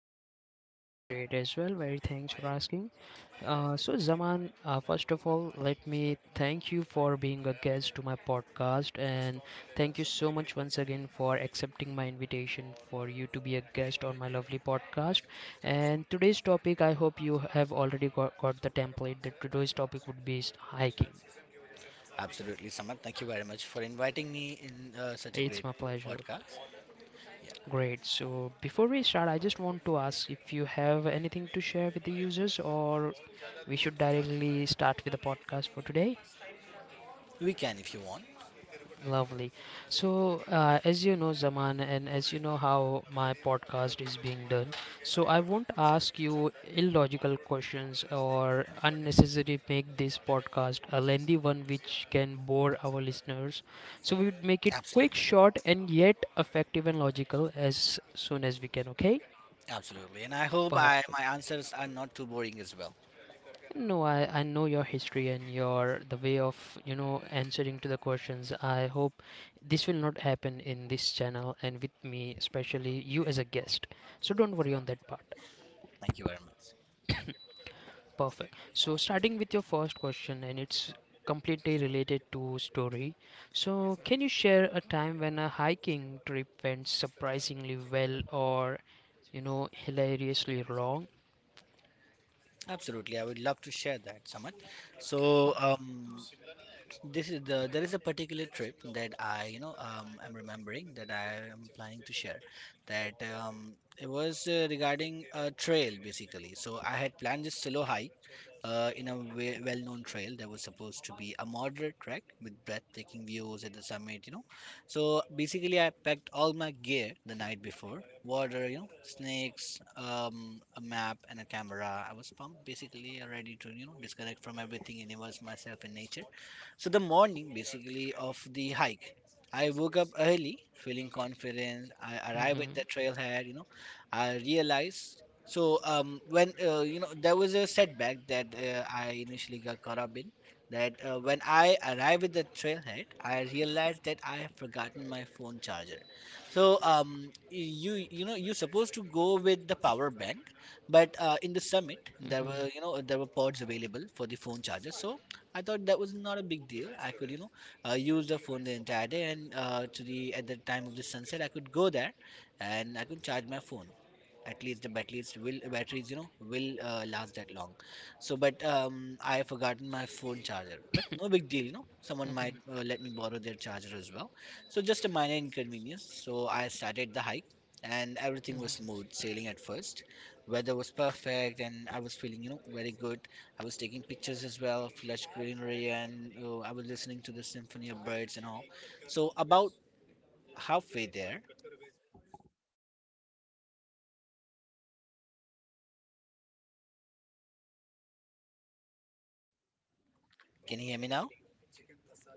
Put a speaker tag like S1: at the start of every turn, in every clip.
S1: lovely. I'm doing great as well. Very thanks for asking. So, Zaman, first of all, let me thank you for being a guest to my podcast, and thank you so much once again for accepting my invitation for you to be a guest on my lovely podcast. And today's topic, I hope you have already got the template that today's topic would be hiking.
S2: Absolutely, Samad. Thank you very much for inviting me in such a
S1: It's
S2: great
S1: my pleasure.
S2: podcast. Yeah,
S1: Great. So before we start, I just want to ask if you have anything to share with the users, or we should directly start with the podcast for today.
S2: we can if you want.
S1: Lovely. So, as you know, Zaman, and as you know how my podcast is being done, so I won't ask you illogical questions or unnecessarily make this podcast a lengthy one which can bore our listeners. So, we would make it quick,
S2: Absolutely,
S1: short, and yet effective and logical as soon as we can, okay?
S2: absolutely. And I hope I
S1: Perfect.
S2: my answers are not too boring as well.
S1: No, I know your history and your the way of, answering to the questions. I hope this will not happen in this channel and with me, especially you as a guest. So don't worry on that part.
S2: Thank you very much.
S1: Perfect. So starting with your first question, and it's completely related to story. So can you share a time when a hiking trip went surprisingly well or hilariously wrong?
S2: Absolutely, I would love to share that, Samad. So, um, This is the There is a particular trip that I you know I'm remembering that I am planning to share that it was regarding a trail basically. So I had planned this solo hike in a well-known trail that was supposed to be a moderate trek with breathtaking views at the summit. You know, so basically I packed all my gear the night before: water, you know, snakes, a map, and a camera. I was pumped, basically, ready to you know disconnect from everything and immerse myself in nature. So the morning basically of the hike, I woke up early, feeling confident. I arrived at the
S1: Mm-hmm.
S2: trailhead, you know. I realized when you know there was a setback that I initially got caught up in. That when I arrived at the trailhead, I realized that I have forgotten my phone charger. So you know you're supposed to go with the power bank, but in the summit
S1: Mm-hmm.
S2: there
S1: Mm-hmm.
S2: were you know there were pods available for the phone charger. So I thought that was not a big deal. I could, you know, use the phone the entire day, and to the at the time of the sunset, I could go there, and I could charge my phone. At least the batteries you know will last that long. So but I have forgotten my phone charger, but no big deal. You know, someone might
S1: Mm-hmm.
S2: let me borrow their charger as well, so just a minor inconvenience. So I started the hike, and everything was smooth sailing at first. Weather was perfect and I was feeling you know very good. I was taking pictures as well of lush greenery, and I was listening to the symphony of birds and all. So, about halfway there, can you hear me now?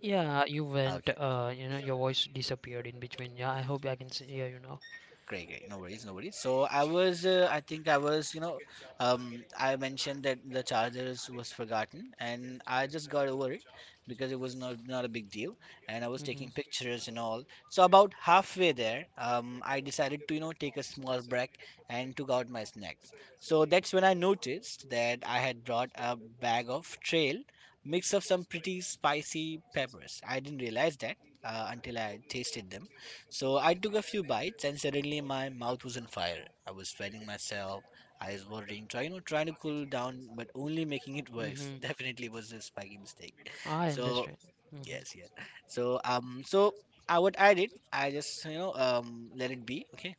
S1: Yeah, you went.
S2: Okay.
S1: Your voice disappeared in between. Yeah, I hope I can see. Yeah, you know.
S2: Great, great. No worries, no worries. So I was, I think I was, I mentioned that the chargers was forgotten, and I just got over it because it was not not a big deal, and I was taking
S1: Mhm.
S2: pictures and all. So about halfway there, I decided to, you know, take a small break and took out my snacks. So that's when I noticed that I had brought a bag of trail mix of some pretty spicy peppers. I didn't realize that until I tasted them. So I took a few bites and suddenly my mouth was on fire. I was sweating myself, eyes watering, trying to cool down, but only making it worse.
S1: Mhm.
S2: Definitely was a spiky mistake.
S1: I
S2: So
S1: understand. Mhm.
S2: yes, yes. So, I what I did, I just you know let it be. Okay,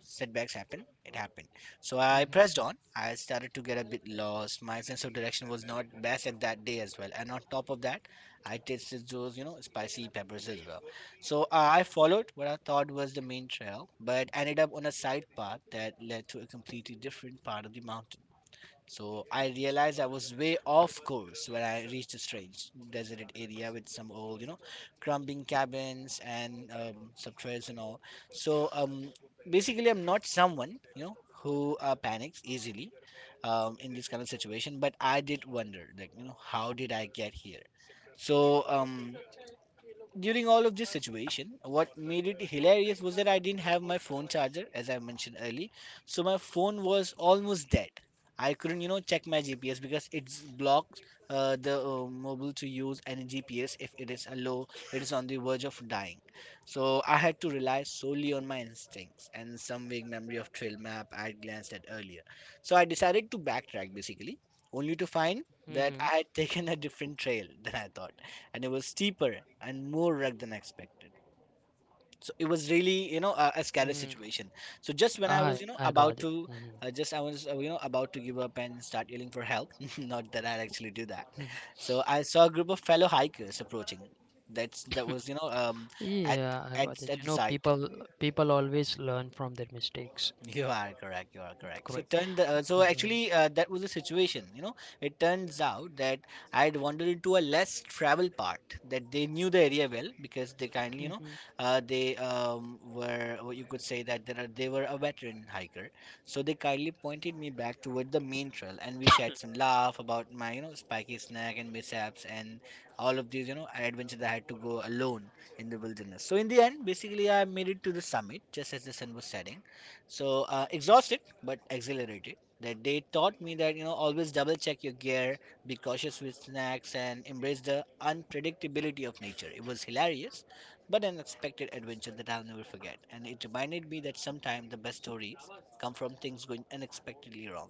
S2: setbacks happen. It happened. So I
S1: Mhm.
S2: pressed on. I started to get a bit lost. My sense of direction was not best at that day as well, and on top of that, I tasted those you know spicy peppers as well. So I followed what I thought was the main trail, but ended up on a side path that led to a completely different part of the mountain. So I realized I was way off course when I reached a strange deserted area with some old, you know, crumbling cabins and some trails and all. So basically, I'm not someone, you know, who panics easily in this kind of situation, but I did wonder, like, you know, how did I get here? So during all of this situation, what made it hilarious was that I didn't have my phone charger, as I mentioned early. So my phone was almost dead. I couldn't, you know, check my GPS because it's blocked the mobile to use any GPS if it is a low, it is on the verge of dying. So I had to rely solely on my instincts and some vague memory of trail map I had glanced at earlier. So I decided to backtrack basically, only to find that
S1: Mhm.
S2: I had taken a different trail than I thought, and it was steeper and more rugged than expected. So it was really, you know, a scary
S1: Mhm.
S2: situation. So just when I was,
S1: I
S2: you know,
S1: I
S2: about
S1: got it.
S2: to,
S1: Mhm.
S2: you know, about to give up and start yelling for help. Not that I'd actually do that. So I saw a group of fellow hikers approaching. That's that was, you know, at
S1: Yeah, I got it.
S2: at
S1: You
S2: the
S1: know,
S2: site.
S1: people people always learn from their mistakes.
S2: You are correct. You are correct. So
S1: Correct.
S2: turned. So
S1: Mhm.
S2: actually, that was the situation. You know, it turns out that I had wandered into a less travel part. That they knew the area well because they kindly, you know,
S1: Mhm.
S2: they were. What you could say that there are, they were a veteran hiker. So they kindly pointed me back toward the main trail, and we shared some laugh about my, you know, spiky snack and mishaps and all of these, you know, adventures that I had to go alone in the wilderness. So in the end, basically, I made it to the summit just as the sun was setting. So exhausted but exhilarated, that they taught me that you know always double check your gear, be cautious with snacks, and embrace the unpredictability of nature. It was hilarious, but an unexpected adventure that I'll never forget, and it reminded me that sometimes the best stories come from things going unexpectedly wrong.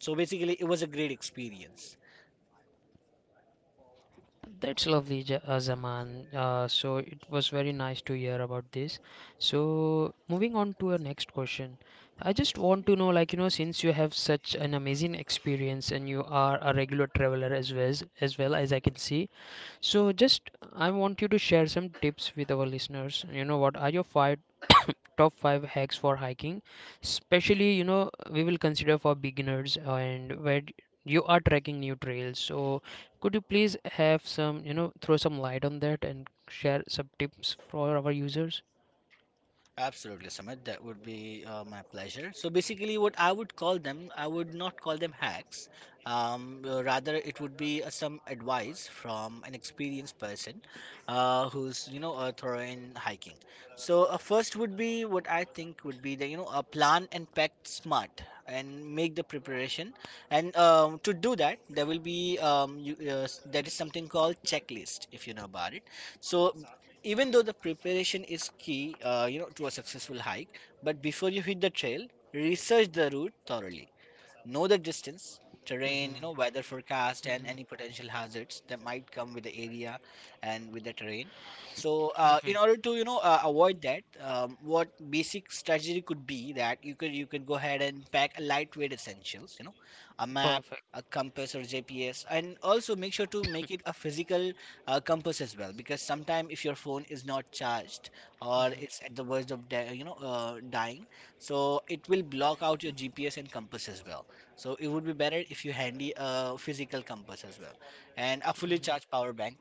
S2: So basically it was a great experience.
S1: That's lovely, Zaman. So it was very nice to hear about this. So moving on to our next question, I just want to know, like, since you have such an amazing experience and you are a regular traveler as well as I can see, so just I want you to share some tips with our listeners. You know what are your five top five hacks for hiking? Especially, we will consider for beginners and where you are tracking new trails. So could you please have some, throw some light on that and share some tips for our users?
S2: Absolutely, Sumit. That would be my pleasure. So basically, what I would call them, I would not call them hacks. Rather, it would be some advice from an experienced person who's you know thorough in hiking. So first would be what I think would be the you know plan and pack smart and make the preparation. And to do that, there will be there is something called checklist if you know about it. So even though the preparation is key you know to a successful hike, but before you hit the trail, research the route thoroughly. Know the distance, terrain, you know,
S1: Mm-hmm.
S2: weather forecast, and
S1: Mm-hmm.
S2: any potential hazards that might come with the area and with the terrain. So,
S1: Mm-hmm.
S2: in order to you know avoid that, what basic strategy could be that you could go ahead and pack a lightweight essentials, you know, a map,
S1: Perfect.
S2: a compass or GPS, and also make sure to make it a physical compass as well, because sometimes if your phone is not charged or it's at the verge of you know dying, so it will block out your GPS and compass as well. So it would be better if you handy a physical compass as well, and a fully
S1: Mm-hmm.
S2: charged power bank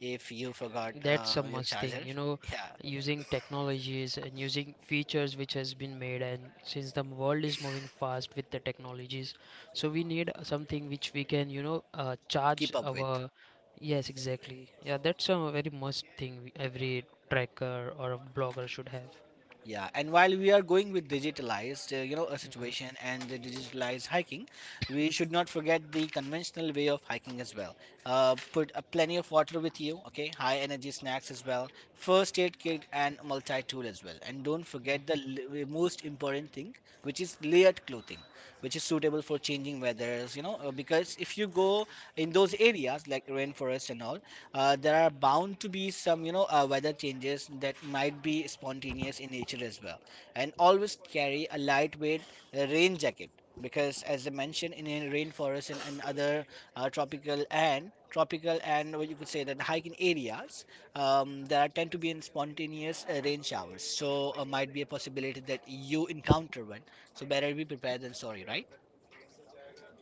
S2: if you forgot
S1: That's a
S2: your
S1: must thing,
S2: charger.
S1: you know,
S2: Yeah,
S1: using technologies and using features which has been made, and since the world is moving fast with the technologies, so we need something which we can charge
S2: keep up with.
S1: our yes, exactly. Yeah, that's a very must thing every tracker or a blogger should have.
S2: Yeah, and while we are going with digitalized, you know, a situation and the digitalized hiking, we should not forget the conventional way of hiking as well. Put plenty of water with you, okay? High energy snacks as well, first aid kit and multi-tool as well, and don't forget the most important thing, which is layered clothing, which is suitable for changing weathers you know because if you go in those areas like rainforest and all, there are bound to be some you know weather changes that might be spontaneous in nature as well. And always carry a lightweight rain jacket, because as I mentioned in a rainforest and other tropical and what you could say that hiking areas, there are tend to be in spontaneous rain showers. So might be a possibility that you encounter one, so better be prepared than sorry, right?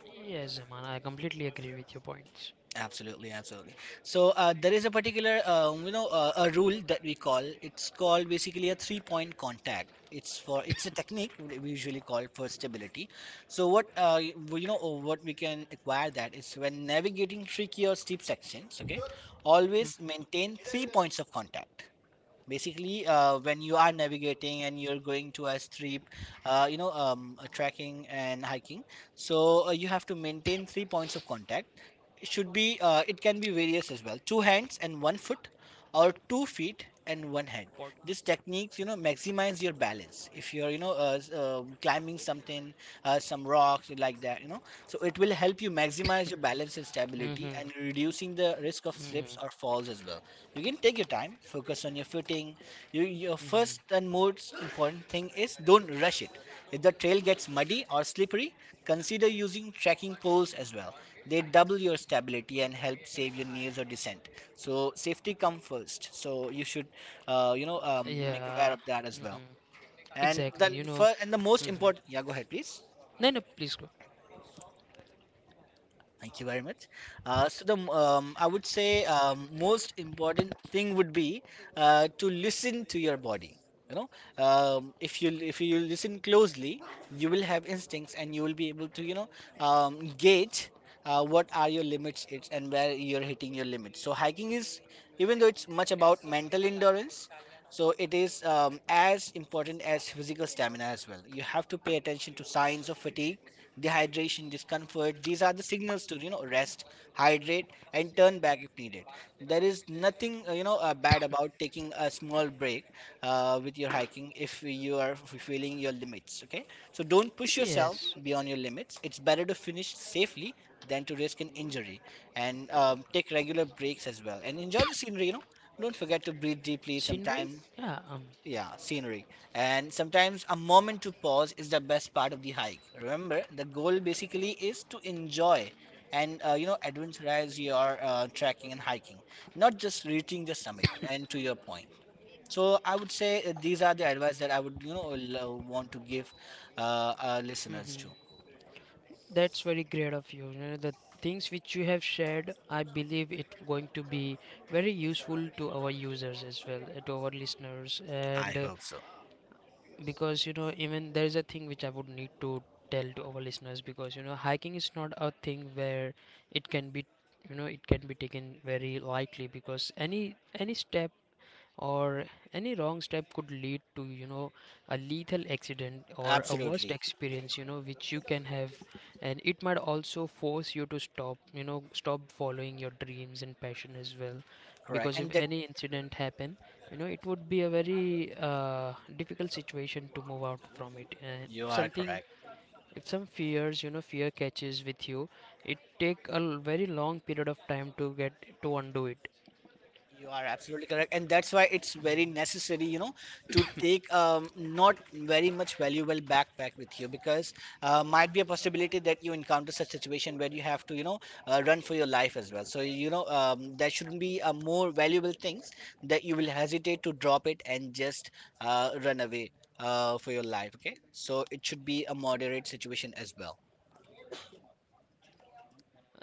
S1: Yes, Zaman, I completely agree with your points.
S2: Absolutely, absolutely. So there is a particular, you know, a rule that we call. It's called basically a three-point contact. It's a technique we usually call for stability. So what you know, what we can acquire that is when navigating tricky or steep sections. Okay, always maintain three points of contact basically when you are navigating and you're going to a steep a trekking and hiking. So you have to maintain three points of contact. It should be it can be various as well: two hands and one foot, or two feet and one hand. This techniques maximize your balance if you're climbing something, some rocks like that, you know. So it will help you maximize your balance and stability,
S1: Mm-hmm.
S2: and reducing the risk of
S1: Mm-hmm.
S2: slips or falls as well. You can take your time, focus on your footing. Your first
S1: Mm-hmm.
S2: and most important thing is don't rush it. If the trail gets muddy or slippery, consider using trekking poles as well. They double your stability and help save your knees or descent. So safety come first, so you should make aware
S1: Yeah.
S2: of that as well.
S1: Mm-hmm.
S2: And the
S1: Exactly.
S2: first and the most
S1: Mm-hmm.
S2: important, yeah, go ahead please.
S1: No, no, please go.
S2: Thank you very much. So the I would say most important thing would be to listen to your body. You know, if you listen closely, you will have instincts, and you will be able to gauge what are your limits, and where you're hitting your limits. So hiking is, even though it's much about mental endurance, so it is as important as physical stamina as well. You have to pay attention to signs of fatigue, dehydration, discomfort. These are the signals to, you know, rest, hydrate, and turn back if needed. There is nothing bad about taking a small break with your hiking if you are feeling your limits. Okay, so don't push yourself
S1: Yes.
S2: beyond your limits. It's better to finish safely than to risk an injury, and take regular breaks as well. And enjoy the scenery. You know, don't forget to breathe deeply
S1: Scenery?
S2: sometimes.
S1: Yeah,
S2: Yeah, scenery. And sometimes a moment to pause is the best part of the hike. Remember, the goal basically is to enjoy and, uh, adventurize your trekking and hiking, not just reaching the summit. And to your point, so I would say these are the advice that I would, you know, want to give our listeners to.
S1: mhm. That's very great of you. The things which you have shared, I believe it going to be very useful to our users as well, to our listeners.
S2: I
S1: And uh,
S2: hope so.
S1: because, you know, even there is a thing which I would need to tell to our listeners because, hiking is not a thing where it can be, it can be taken very lightly, because any step or any wrong step could lead to a lethal accident or a worst
S2: Absolutely
S1: experience which you can have, and it might also force you to stop following your dreams and passion as well.
S2: correct,
S1: Because if
S2: and that
S1: any incident happen, it would be a very difficult situation to move out from it, and
S2: you are correct.
S1: if some fears you know fear catches with you, it take a very long period of time to get to undo it.
S2: You are absolutely correct, and that's why it's very necessary, you know, to take not very much valuable backpack with you, because might be a possibility that you encounter such situation where you have to, you know, run for your life as well. So you know, that shouldn't be a more valuable things that you will hesitate to drop it and just run away for your life. Okay, so it should be a moderate situation as well.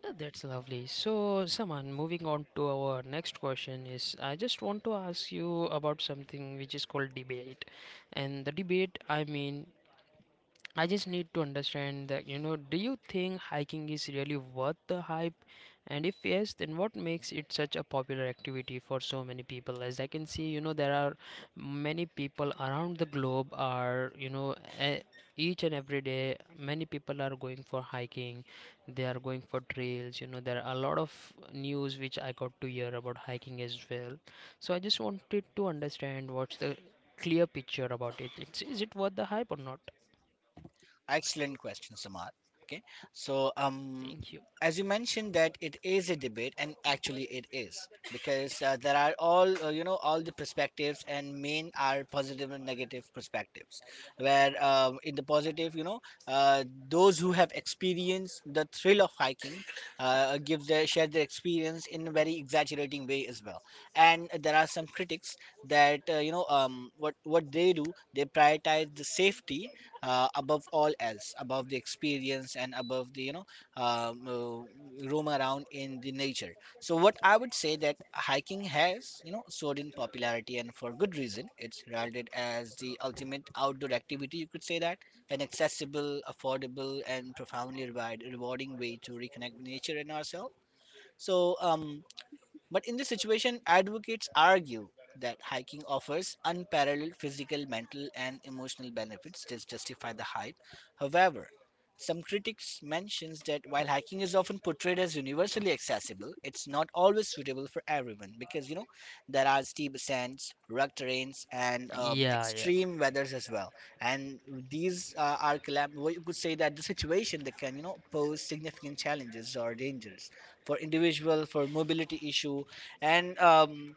S1: That's lovely. So, Saman, moving on to our next question is I just want to ask you about something which is called debate. And the debate, I mean, I just need to understand that, you know, do you think hiking is really worth the hype? And if yes, then what makes it such a popular activity for so many people? As I can see, you know, there are many people around the globe are, you know, e- each and every day, many people are going for hiking. They are going for trails. There are a lot of news which I got to hear about hiking as well. So I just wanted to understand what's the clear picture about it. Is it worth the hype or not?
S2: Excellent question, Samad. Okay, so
S1: Thank you.
S2: as you mentioned that it is a debate, and actually it is, because there are all, uh, all the perspectives, and main are positive and negative perspectives. Where, in the positive, you know, uh, those who have experienced the thrill of hiking give their share their experience in a very exaggerating way as well. And there are some critics that, uh, what they do, they prioritize the safety above all else, above the experience and above the, you know, roam around in the nature. So what I would say, that hiking has, you know, soared in popularity, and for good reason. It's heralded as the ultimate outdoor activity, you could say that, an accessible, affordable, and profoundly rewarding way to reconnect with nature and ourselves. So, but in this situation, advocates argue that hiking offers unparalleled physical, mental, and emotional benefits that justify the hype. However, some critics mentions that while hiking is often portrayed as universally accessible, it's not always suitable for everyone, because, you know, there are steep ascents, rugged terrains, and
S1: Yeah, yeah.
S2: extreme weathers as well. And these are well, you could say that the situation that can, you know, pose significant challenges or dangers for individual for mobility issue, and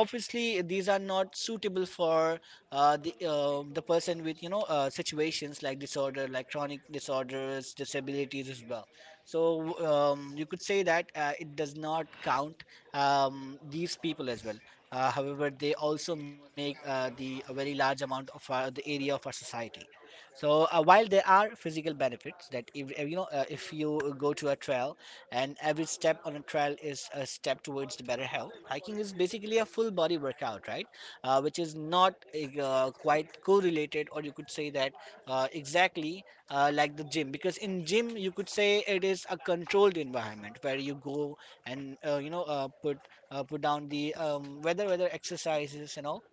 S2: obviously these are not suitable for the person with, situations like disorder, like chronic disorders, disabilities as well. So you could say that it does not count these people as well. However, they also make the a very large amount of our, the area of our society. So while there are physical benefits that if, uh, if you go to a trail, and every step on a trail is a step towards the better health. Hiking is basically a full body workout, right? Which is not quite correlated, or you could say that exactly like the gym, because in gym you could say it is a controlled environment where you go and, put put down the whether whether exercises and all.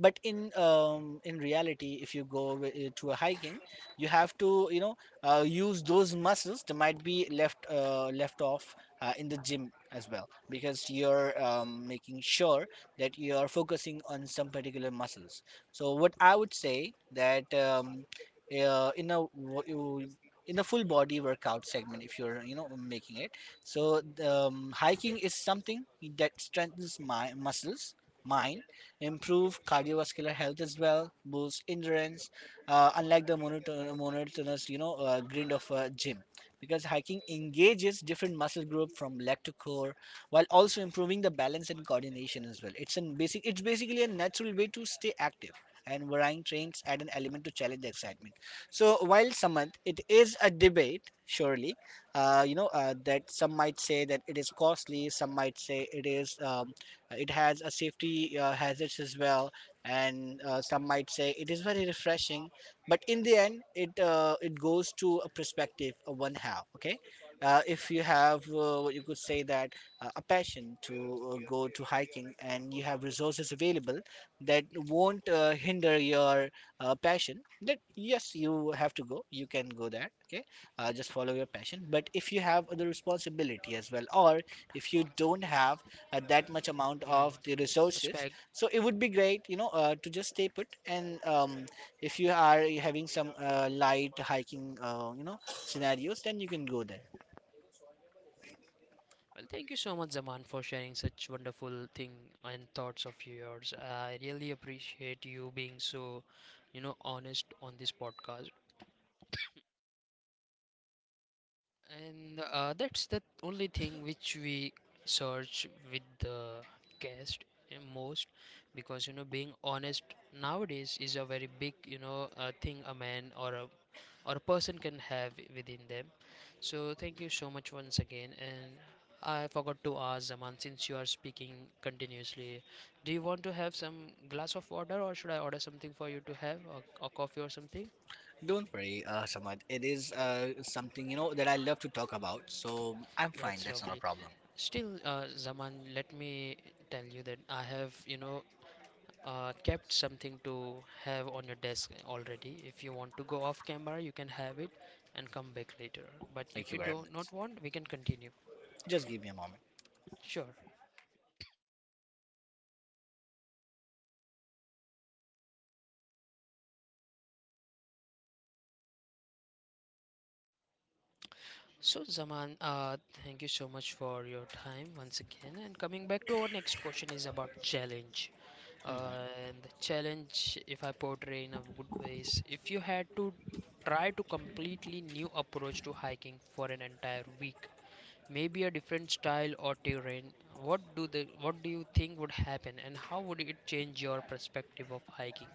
S2: But in, in reality, if you go to a hiking, you have to, you know, use those muscles that might be left off in the gym as well, because you're, making sure that you're focusing on some particular muscles. So what I would say that, in a in a full body workout segment, if you're, you know, making it. So hiking is something that strengthens my muscles, mine, improve cardiovascular health as well, boost endurance, unlike the monotonous, you know, grind of a gym. Because hiking engages different muscle group, from leg to core, while also improving the balance and coordination as well. It's an basic, it's basically a natural way to stay active. And varying trains add an element to challenge the excitement. So while Samanth, it is a debate, surely, that some might say that it is costly, some might say it is it has a safety hazards as well, and some might say it is very refreshing. But in the end, it goes to a perspective of one half. Okay, if you have, what you could say that, a passion to go to hiking, and you have resources available that won't hinder your passion, then yes, you have to go. You can go there. Okay, just follow your passion. But if you have the responsibility as well, or if you don't have that much amount of the
S1: Mm.
S2: resources, so it would be great, you know, to just stay put, and if you are having some light hiking, uh, scenarios, then you can go there.
S1: Well, thank you so much, Zaman, for sharing such wonderful thing and thoughts of yours. I really appreciate you being so honest on this podcast. And that's the only thing which we search with the guest most, because being honest nowadays is a very big thing a man or a person can have within them. So thank you so much once again, and I forgot to ask Zaman, since you are speaking continuously, do you want to have some glass of water, or should I order something for you to have, or coffee or something?
S2: Don't worry, Samad, it is something, you know, that I love to talk about, so I'm fine.
S1: That's
S2: That's not a
S1: lovely.
S2: problem.
S1: Still, Zaman, let me tell you that I have kept something to have on your desk already. If you want to go off camera, you can have it and come back later. But
S2: Thank
S1: if
S2: you
S1: you
S2: very
S1: do not
S2: much.
S1: want, we can continue.
S2: Just give me a moment.
S1: Sure. So, Zaman, thank you so much for your time once again. And coming back to our next question is about challenge. Uh,
S2: Mhm.
S1: and the challenge, if I portray in a good way, is if you had to try to completely new approach to hiking for an entire week, maybe a different style or terrain, what do you think would happen, and how would it change your perspective of hiking?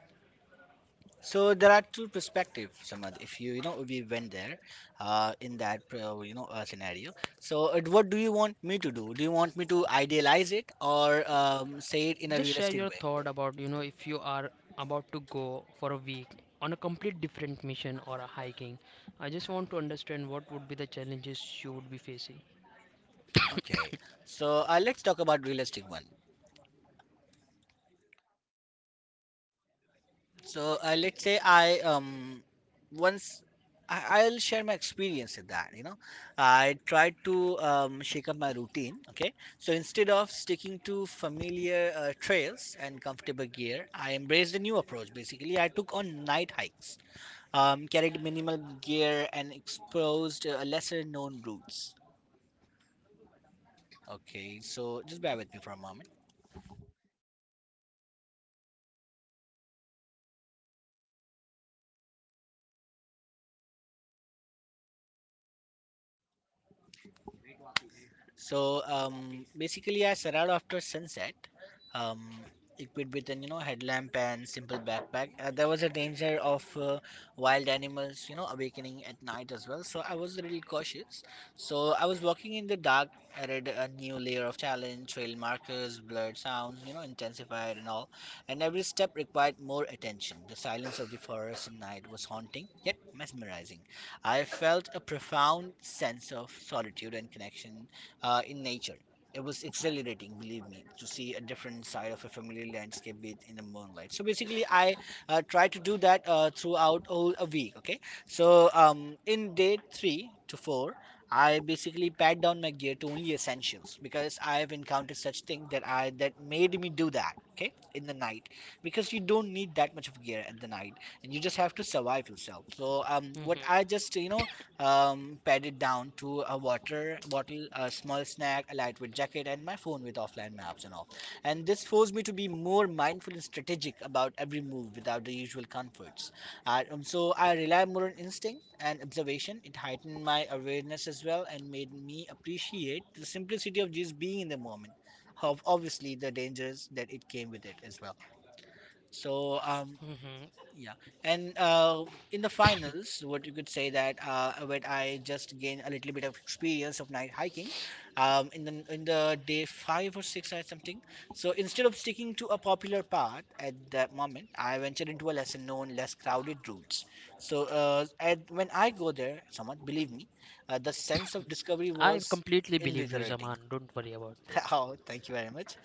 S2: So there are two perspectives, Samad. If you, you know, we went there, in that, scenario. So what do you want me to do? Do you want me to idealize it, or say it in a
S1: Just share
S2: realistic
S1: your
S2: way?
S1: thought about if you are about to go for a week on a complete different mission or a hiking. I just want to understand what would be the challenges you would be facing.
S2: Okay. So let's talk about realistic one. So let's say once I'll share my experience with that. You know, I tried to, shake up my routine. Okay, so instead of sticking to familiar trails and comfortable gear, I embraced a new approach. Basically, I took on night hikes, carried minimal gear, and exposed lesser known routes. Okay, so just bear with me for a moment. So basically, I set out after sunset, um, equipped with an, you know, headlamp and simple backpack. There was a danger of wild animals, you know, awakening at night as well. So I was a little cautious. So I was walking in the dark. I read a new layer of challenge, trail markers, blurred sounds, you know, intensified and all. And every step required more attention. The silence of the forest at night was haunting yet mesmerizing. I felt a profound sense of solitude and connection in nature. It was exhilarating, believe me, to see a different side of a familiar landscape bathed in the moonlight. So basically, I try to do that throughout all a week. Okay, so in day three to four, I basically packed down my gear to only essentials, because I have encountered such thing that I, that made me do that. Okay, in the night, because you don't need that much of gear at the night, and you just have to survive yourself. So what I
S1: Mm-hmm.
S2: just, you know, padded down to a water bottle, a small snack, a lightweight jacket, and my phone with offline maps and all. And this forced me to be more mindful and strategic about every move without the usual comforts. So I rely more on instinct and observation. It heightened my awareness as well and made me appreciate the simplicity of just being in the moment. Of obviously the dangers that it came with it as well. So
S1: Mm-hmm.
S2: yeah, and In the finals, what you could say that when I just gained a little bit of experience of night hiking, in the day five or six or something. So instead of sticking to a popular path at that moment, I ventured into a lesser known, less crowded routes. So at, when I go there, somewhat believe me, the sense of discovery
S1: I
S2: was
S1: completely believe you,
S2: invigorating.
S1: Zaman. Don't worry about that.
S2: Oh, thank you very much.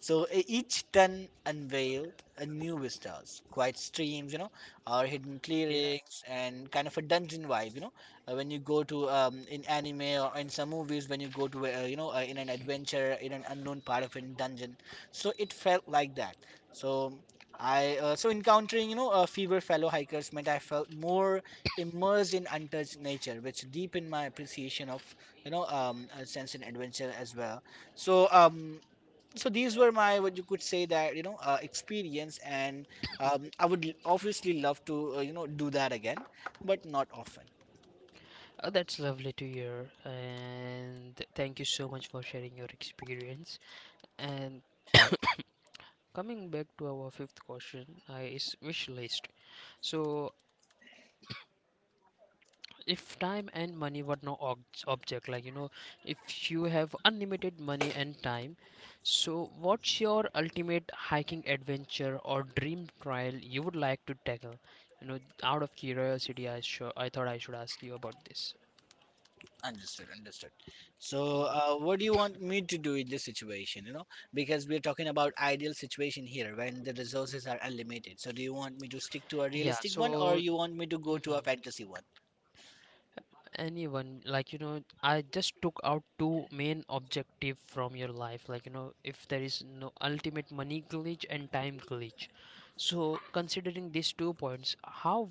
S2: So each ton unveiled a new vistas, quiet streams, or hidden
S1: There I
S2: clearings, and kind of a dungeon vibe, you know. When you go to in anime or in some movies, when you go to in an adventure in an unknown part of a dungeon, so it felt like that. So so encountering fewer fellow hikers meant I felt more immersed in untouched nature, which deepened my appreciation of a sense in adventure as well. So um, so these were my what you could say that experience and I would obviously love to you know do that again but not often.
S1: Oh, that's lovely to hear, and thank you so much for sharing your experience. And coming back to our fifth question, I is wish list. So if time and money were no object, like if you have unlimited money and time, so what's your ultimate hiking adventure or dream trail you would like to tackle, out of curiosity. I thought I should ask you about this.
S2: Understood. So
S1: Mhm.
S2: what do you want me to do in this situation, you know? Because we're talking about ideal situation here when the resources are unlimited, so do you want me to stick to a
S1: Yeah,
S2: realistic one or
S1: so
S2: you want me to go to a
S1: mhm.
S2: fantasy one?
S1: Anyone, like I just took out two main objective from your life, like if there is no ultimate money glitch and time glitch, so considering these two points, how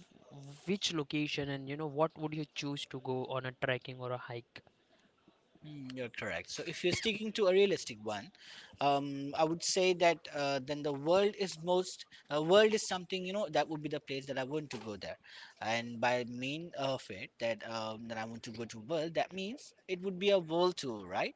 S1: which location and you know what would you choose to go on a trekking or a hike.
S2: Mm, you're correct. So if you're sticking to a realistic one, I would say that then the world is most world is something, you know, that would be the place that I want to go there, and by mean of it that that I want to go to world, that means it would be a world tour, right?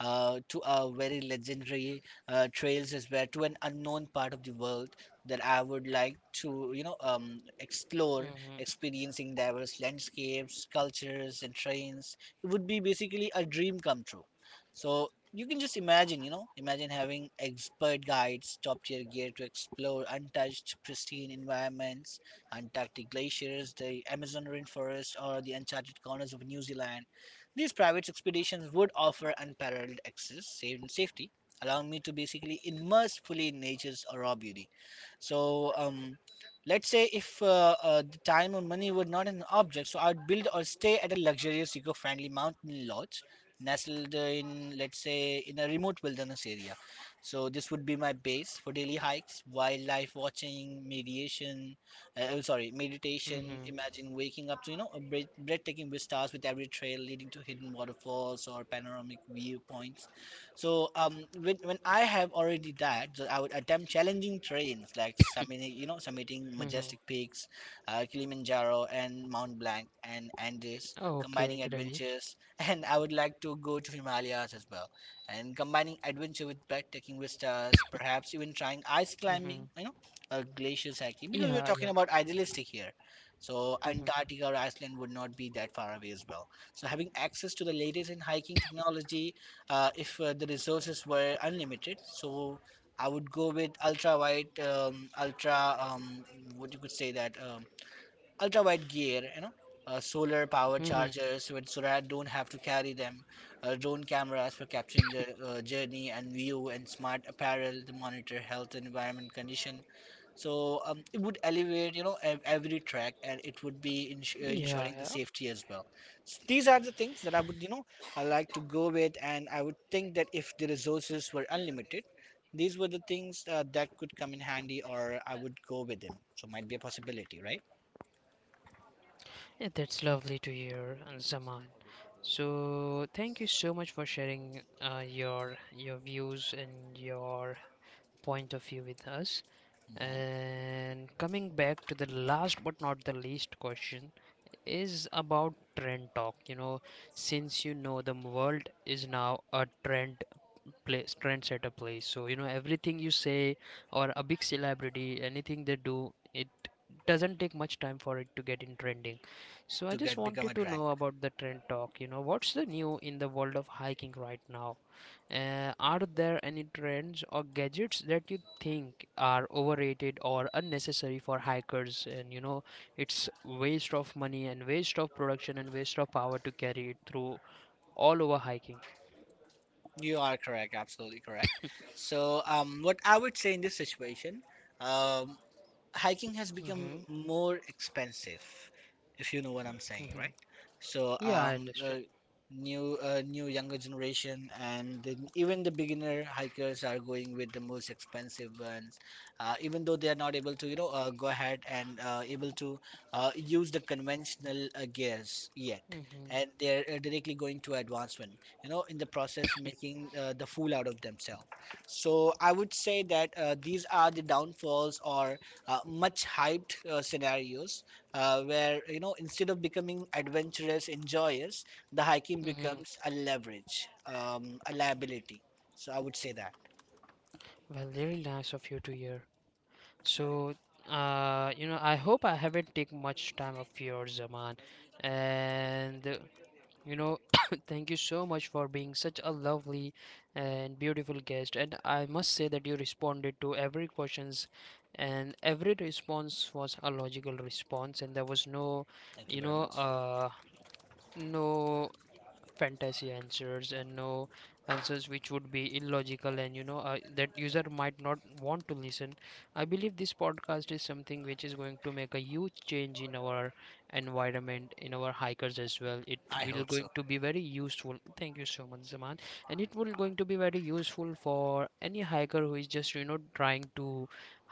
S2: To a very legendary trails as well, to an unknown part of the world that I would like to explore,
S1: Mm-hmm.
S2: experiencing diverse landscapes, cultures, and trains. It would be basically a dream come true. So you can just imagine, you know, imagine having expert guides, top tier gear to explore untouched, pristine environments, Antarctic glaciers, the Amazon rainforest, or the uncharted corners of New Zealand. These private expeditions would offer unparalleled access, safe and safety, allowing me to basically immerse fully in nature's raw beauty. So, um, Let's say if the time or money were not an object, so I'd build or stay at a luxurious eco-friendly mountain lodge nestled in, let's say, in a remote wilderness area. So this would be my base for daily hikes, wildlife watching, mediation, oh, sorry, meditation.
S1: Mm-hmm.
S2: Imagine waking up to, you know, a breathtaking vistas with every trail leading to hidden waterfalls or panoramic viewpoints. So when I have already that, so I would attempt challenging terrains like summit, you know, summiting
S1: Mm-hmm.
S2: majestic peaks, Kilimanjaro and Mount Blanc and Andes,
S1: Okay,
S2: combining
S1: great.
S2: adventures, and I would like to go to Himalayas as well, and combining adventure with breathtaking vistas, perhaps even trying ice
S1: Mm-hmm.
S2: climbing, you know, or glaciers hiking, because we're
S1: Yeah, yeah.
S2: talking about idealistic here. So
S1: Mm-hmm.
S2: Antarctica or Iceland would not be that far away as well. So having access to the latest in hiking technology if the resources were unlimited. So I would go with ultra wide, ultra what you could say that ultra wide gear, you know, solar power
S1: Mm-hmm.
S2: chargers, with, so that I don't have to carry them. Drone cameras for capturing the journey and view, and smart apparel to monitor health and environment condition, so it would elevate, you know, every track, and it would be
S1: Yeah,
S2: ensuring the
S1: yeah.
S2: safety as well. S these are the things that I would, you know, I like to go with, and I would think that if the resources were unlimited, these were the things that could come in handy, or I would go with them. So might be a possibility, right?
S1: Yeah, that's lovely to hear, Zaman. So thank you so much for sharing your views and your point of view with us.
S2: Hmm.
S1: And coming back to the last but not the least question is about trend talk. Since you know the world is now a trendsetter place. So, everything you say or a big celebrity, anything they do, it doesn't take much time for it to get in trending. So, I
S2: To
S1: just
S2: get become a
S1: wanted to
S2: drunk.
S1: know about the trend talk. What's the new in the world of hiking right now? Are there any trends or gadgets that you think are overrated or unnecessary for hikers? And it's waste of money and waste of production and waste of power to carry it through all over hiking.
S2: You are correct, absolutely correct. So what I would say in this situation. Um, Hiking has become
S1: Mm-hmm.
S2: more expensive, if you know what I'm saying,
S1: Mm-hmm.
S2: right? So
S1: Yeah, I
S2: um, uh,
S1: understand.
S2: new uh, new younger generation and then even the beginner hikers are going with the most expensive ones, even though they are not able to, you know, go ahead and able to use the conventional gears yet.
S1: Mm-hmm.
S2: And they're directly going to advancement, you know, in the process making the fool out of themselves. So I would say that these are the downfalls or much hyped scenarios where you know instead of becoming adventurous enjoyers the hiking
S1: Mm-hmm.
S2: becomes a leverage a liability, so I would say that.
S1: Well, really nice of you to hear. So, I hope I haven't taken much time of yours, Zaman. And you know, thank you so much for being such a lovely and beautiful guest. And I must say that you responded to every questions, and every response was a logical response, and there was
S2: Thank you
S1: you
S2: very
S1: know,
S2: much.
S1: uh, no fantasy answers, and no answers which would be illogical, and that user might not want to listen. I believe this podcast is something which is going to make a huge change in our environment, in our hikers as well. It
S2: I
S1: will
S2: hope so.
S1: going to be very useful. Thank you so much, Zaman, and it will going to be very useful for any hiker who is just trying to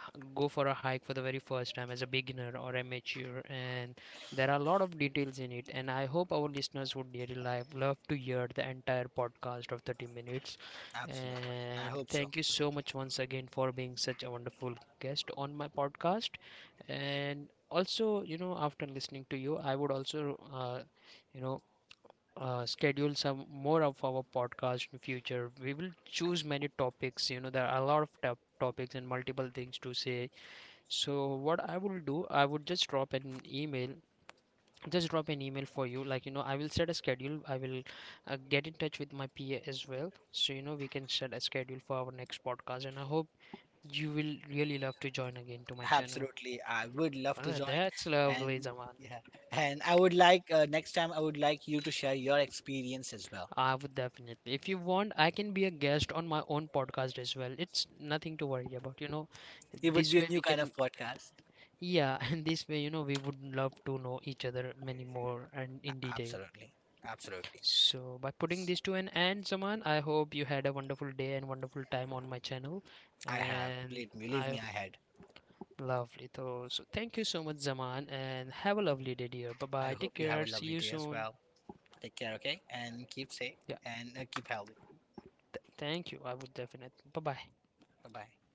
S1: go for a hike for the very first time as a beginner or amateur, and there are a lot of details in it, and I hope our listeners would really love to hear the entire podcast of 30 minutes.
S2: Absolutely, and I
S1: And
S2: hope so.
S1: thank you so much once again for being such a wonderful guest on my podcast. And also, after listening to you, I would also, you know, schedule some more of our podcast in future. We will choose many topics. There are a lot of topics and multiple things to say. So what I will do, I would just drop an email for you, like I will set a schedule. I will get in touch with my pa as well, so we can set a schedule for our next podcast, and I hope you will really love to join again to my channel.
S2: Absolutely, I would love to join.
S1: That's lovely,
S2: And
S1: Zaman.
S2: yeah, and I would like, next time I would like you to share your experience as well.
S1: I would definitely. If you want, I can be a guest on my own podcast as well. It's nothing to worry about you know
S2: It would
S1: this
S2: be a
S1: way
S2: new
S1: we
S2: kind
S1: can,
S2: of podcast.
S1: yeah. And this way, we would love to know each other many more and in detail.
S2: Absolutely, absolutely.
S1: So, by putting this to an end, Zaman, I hope you had a wonderful day and wonderful time on my channel.
S2: I have,
S1: And
S2: believe me, believe me,
S1: I
S2: I had.
S1: lovely though. So, thank you so much, Zaman, and have a lovely day, dear. Bye
S2: I
S1: bye. Take
S2: hope you have
S1: care.
S2: a
S1: See
S2: lovely
S1: you
S2: day as
S1: soon.
S2: well. Take care, okay? And keep safe
S1: Yeah,
S2: and keep healthy.
S1: thank you. I would definitely. Bye bye.
S2: Bye bye.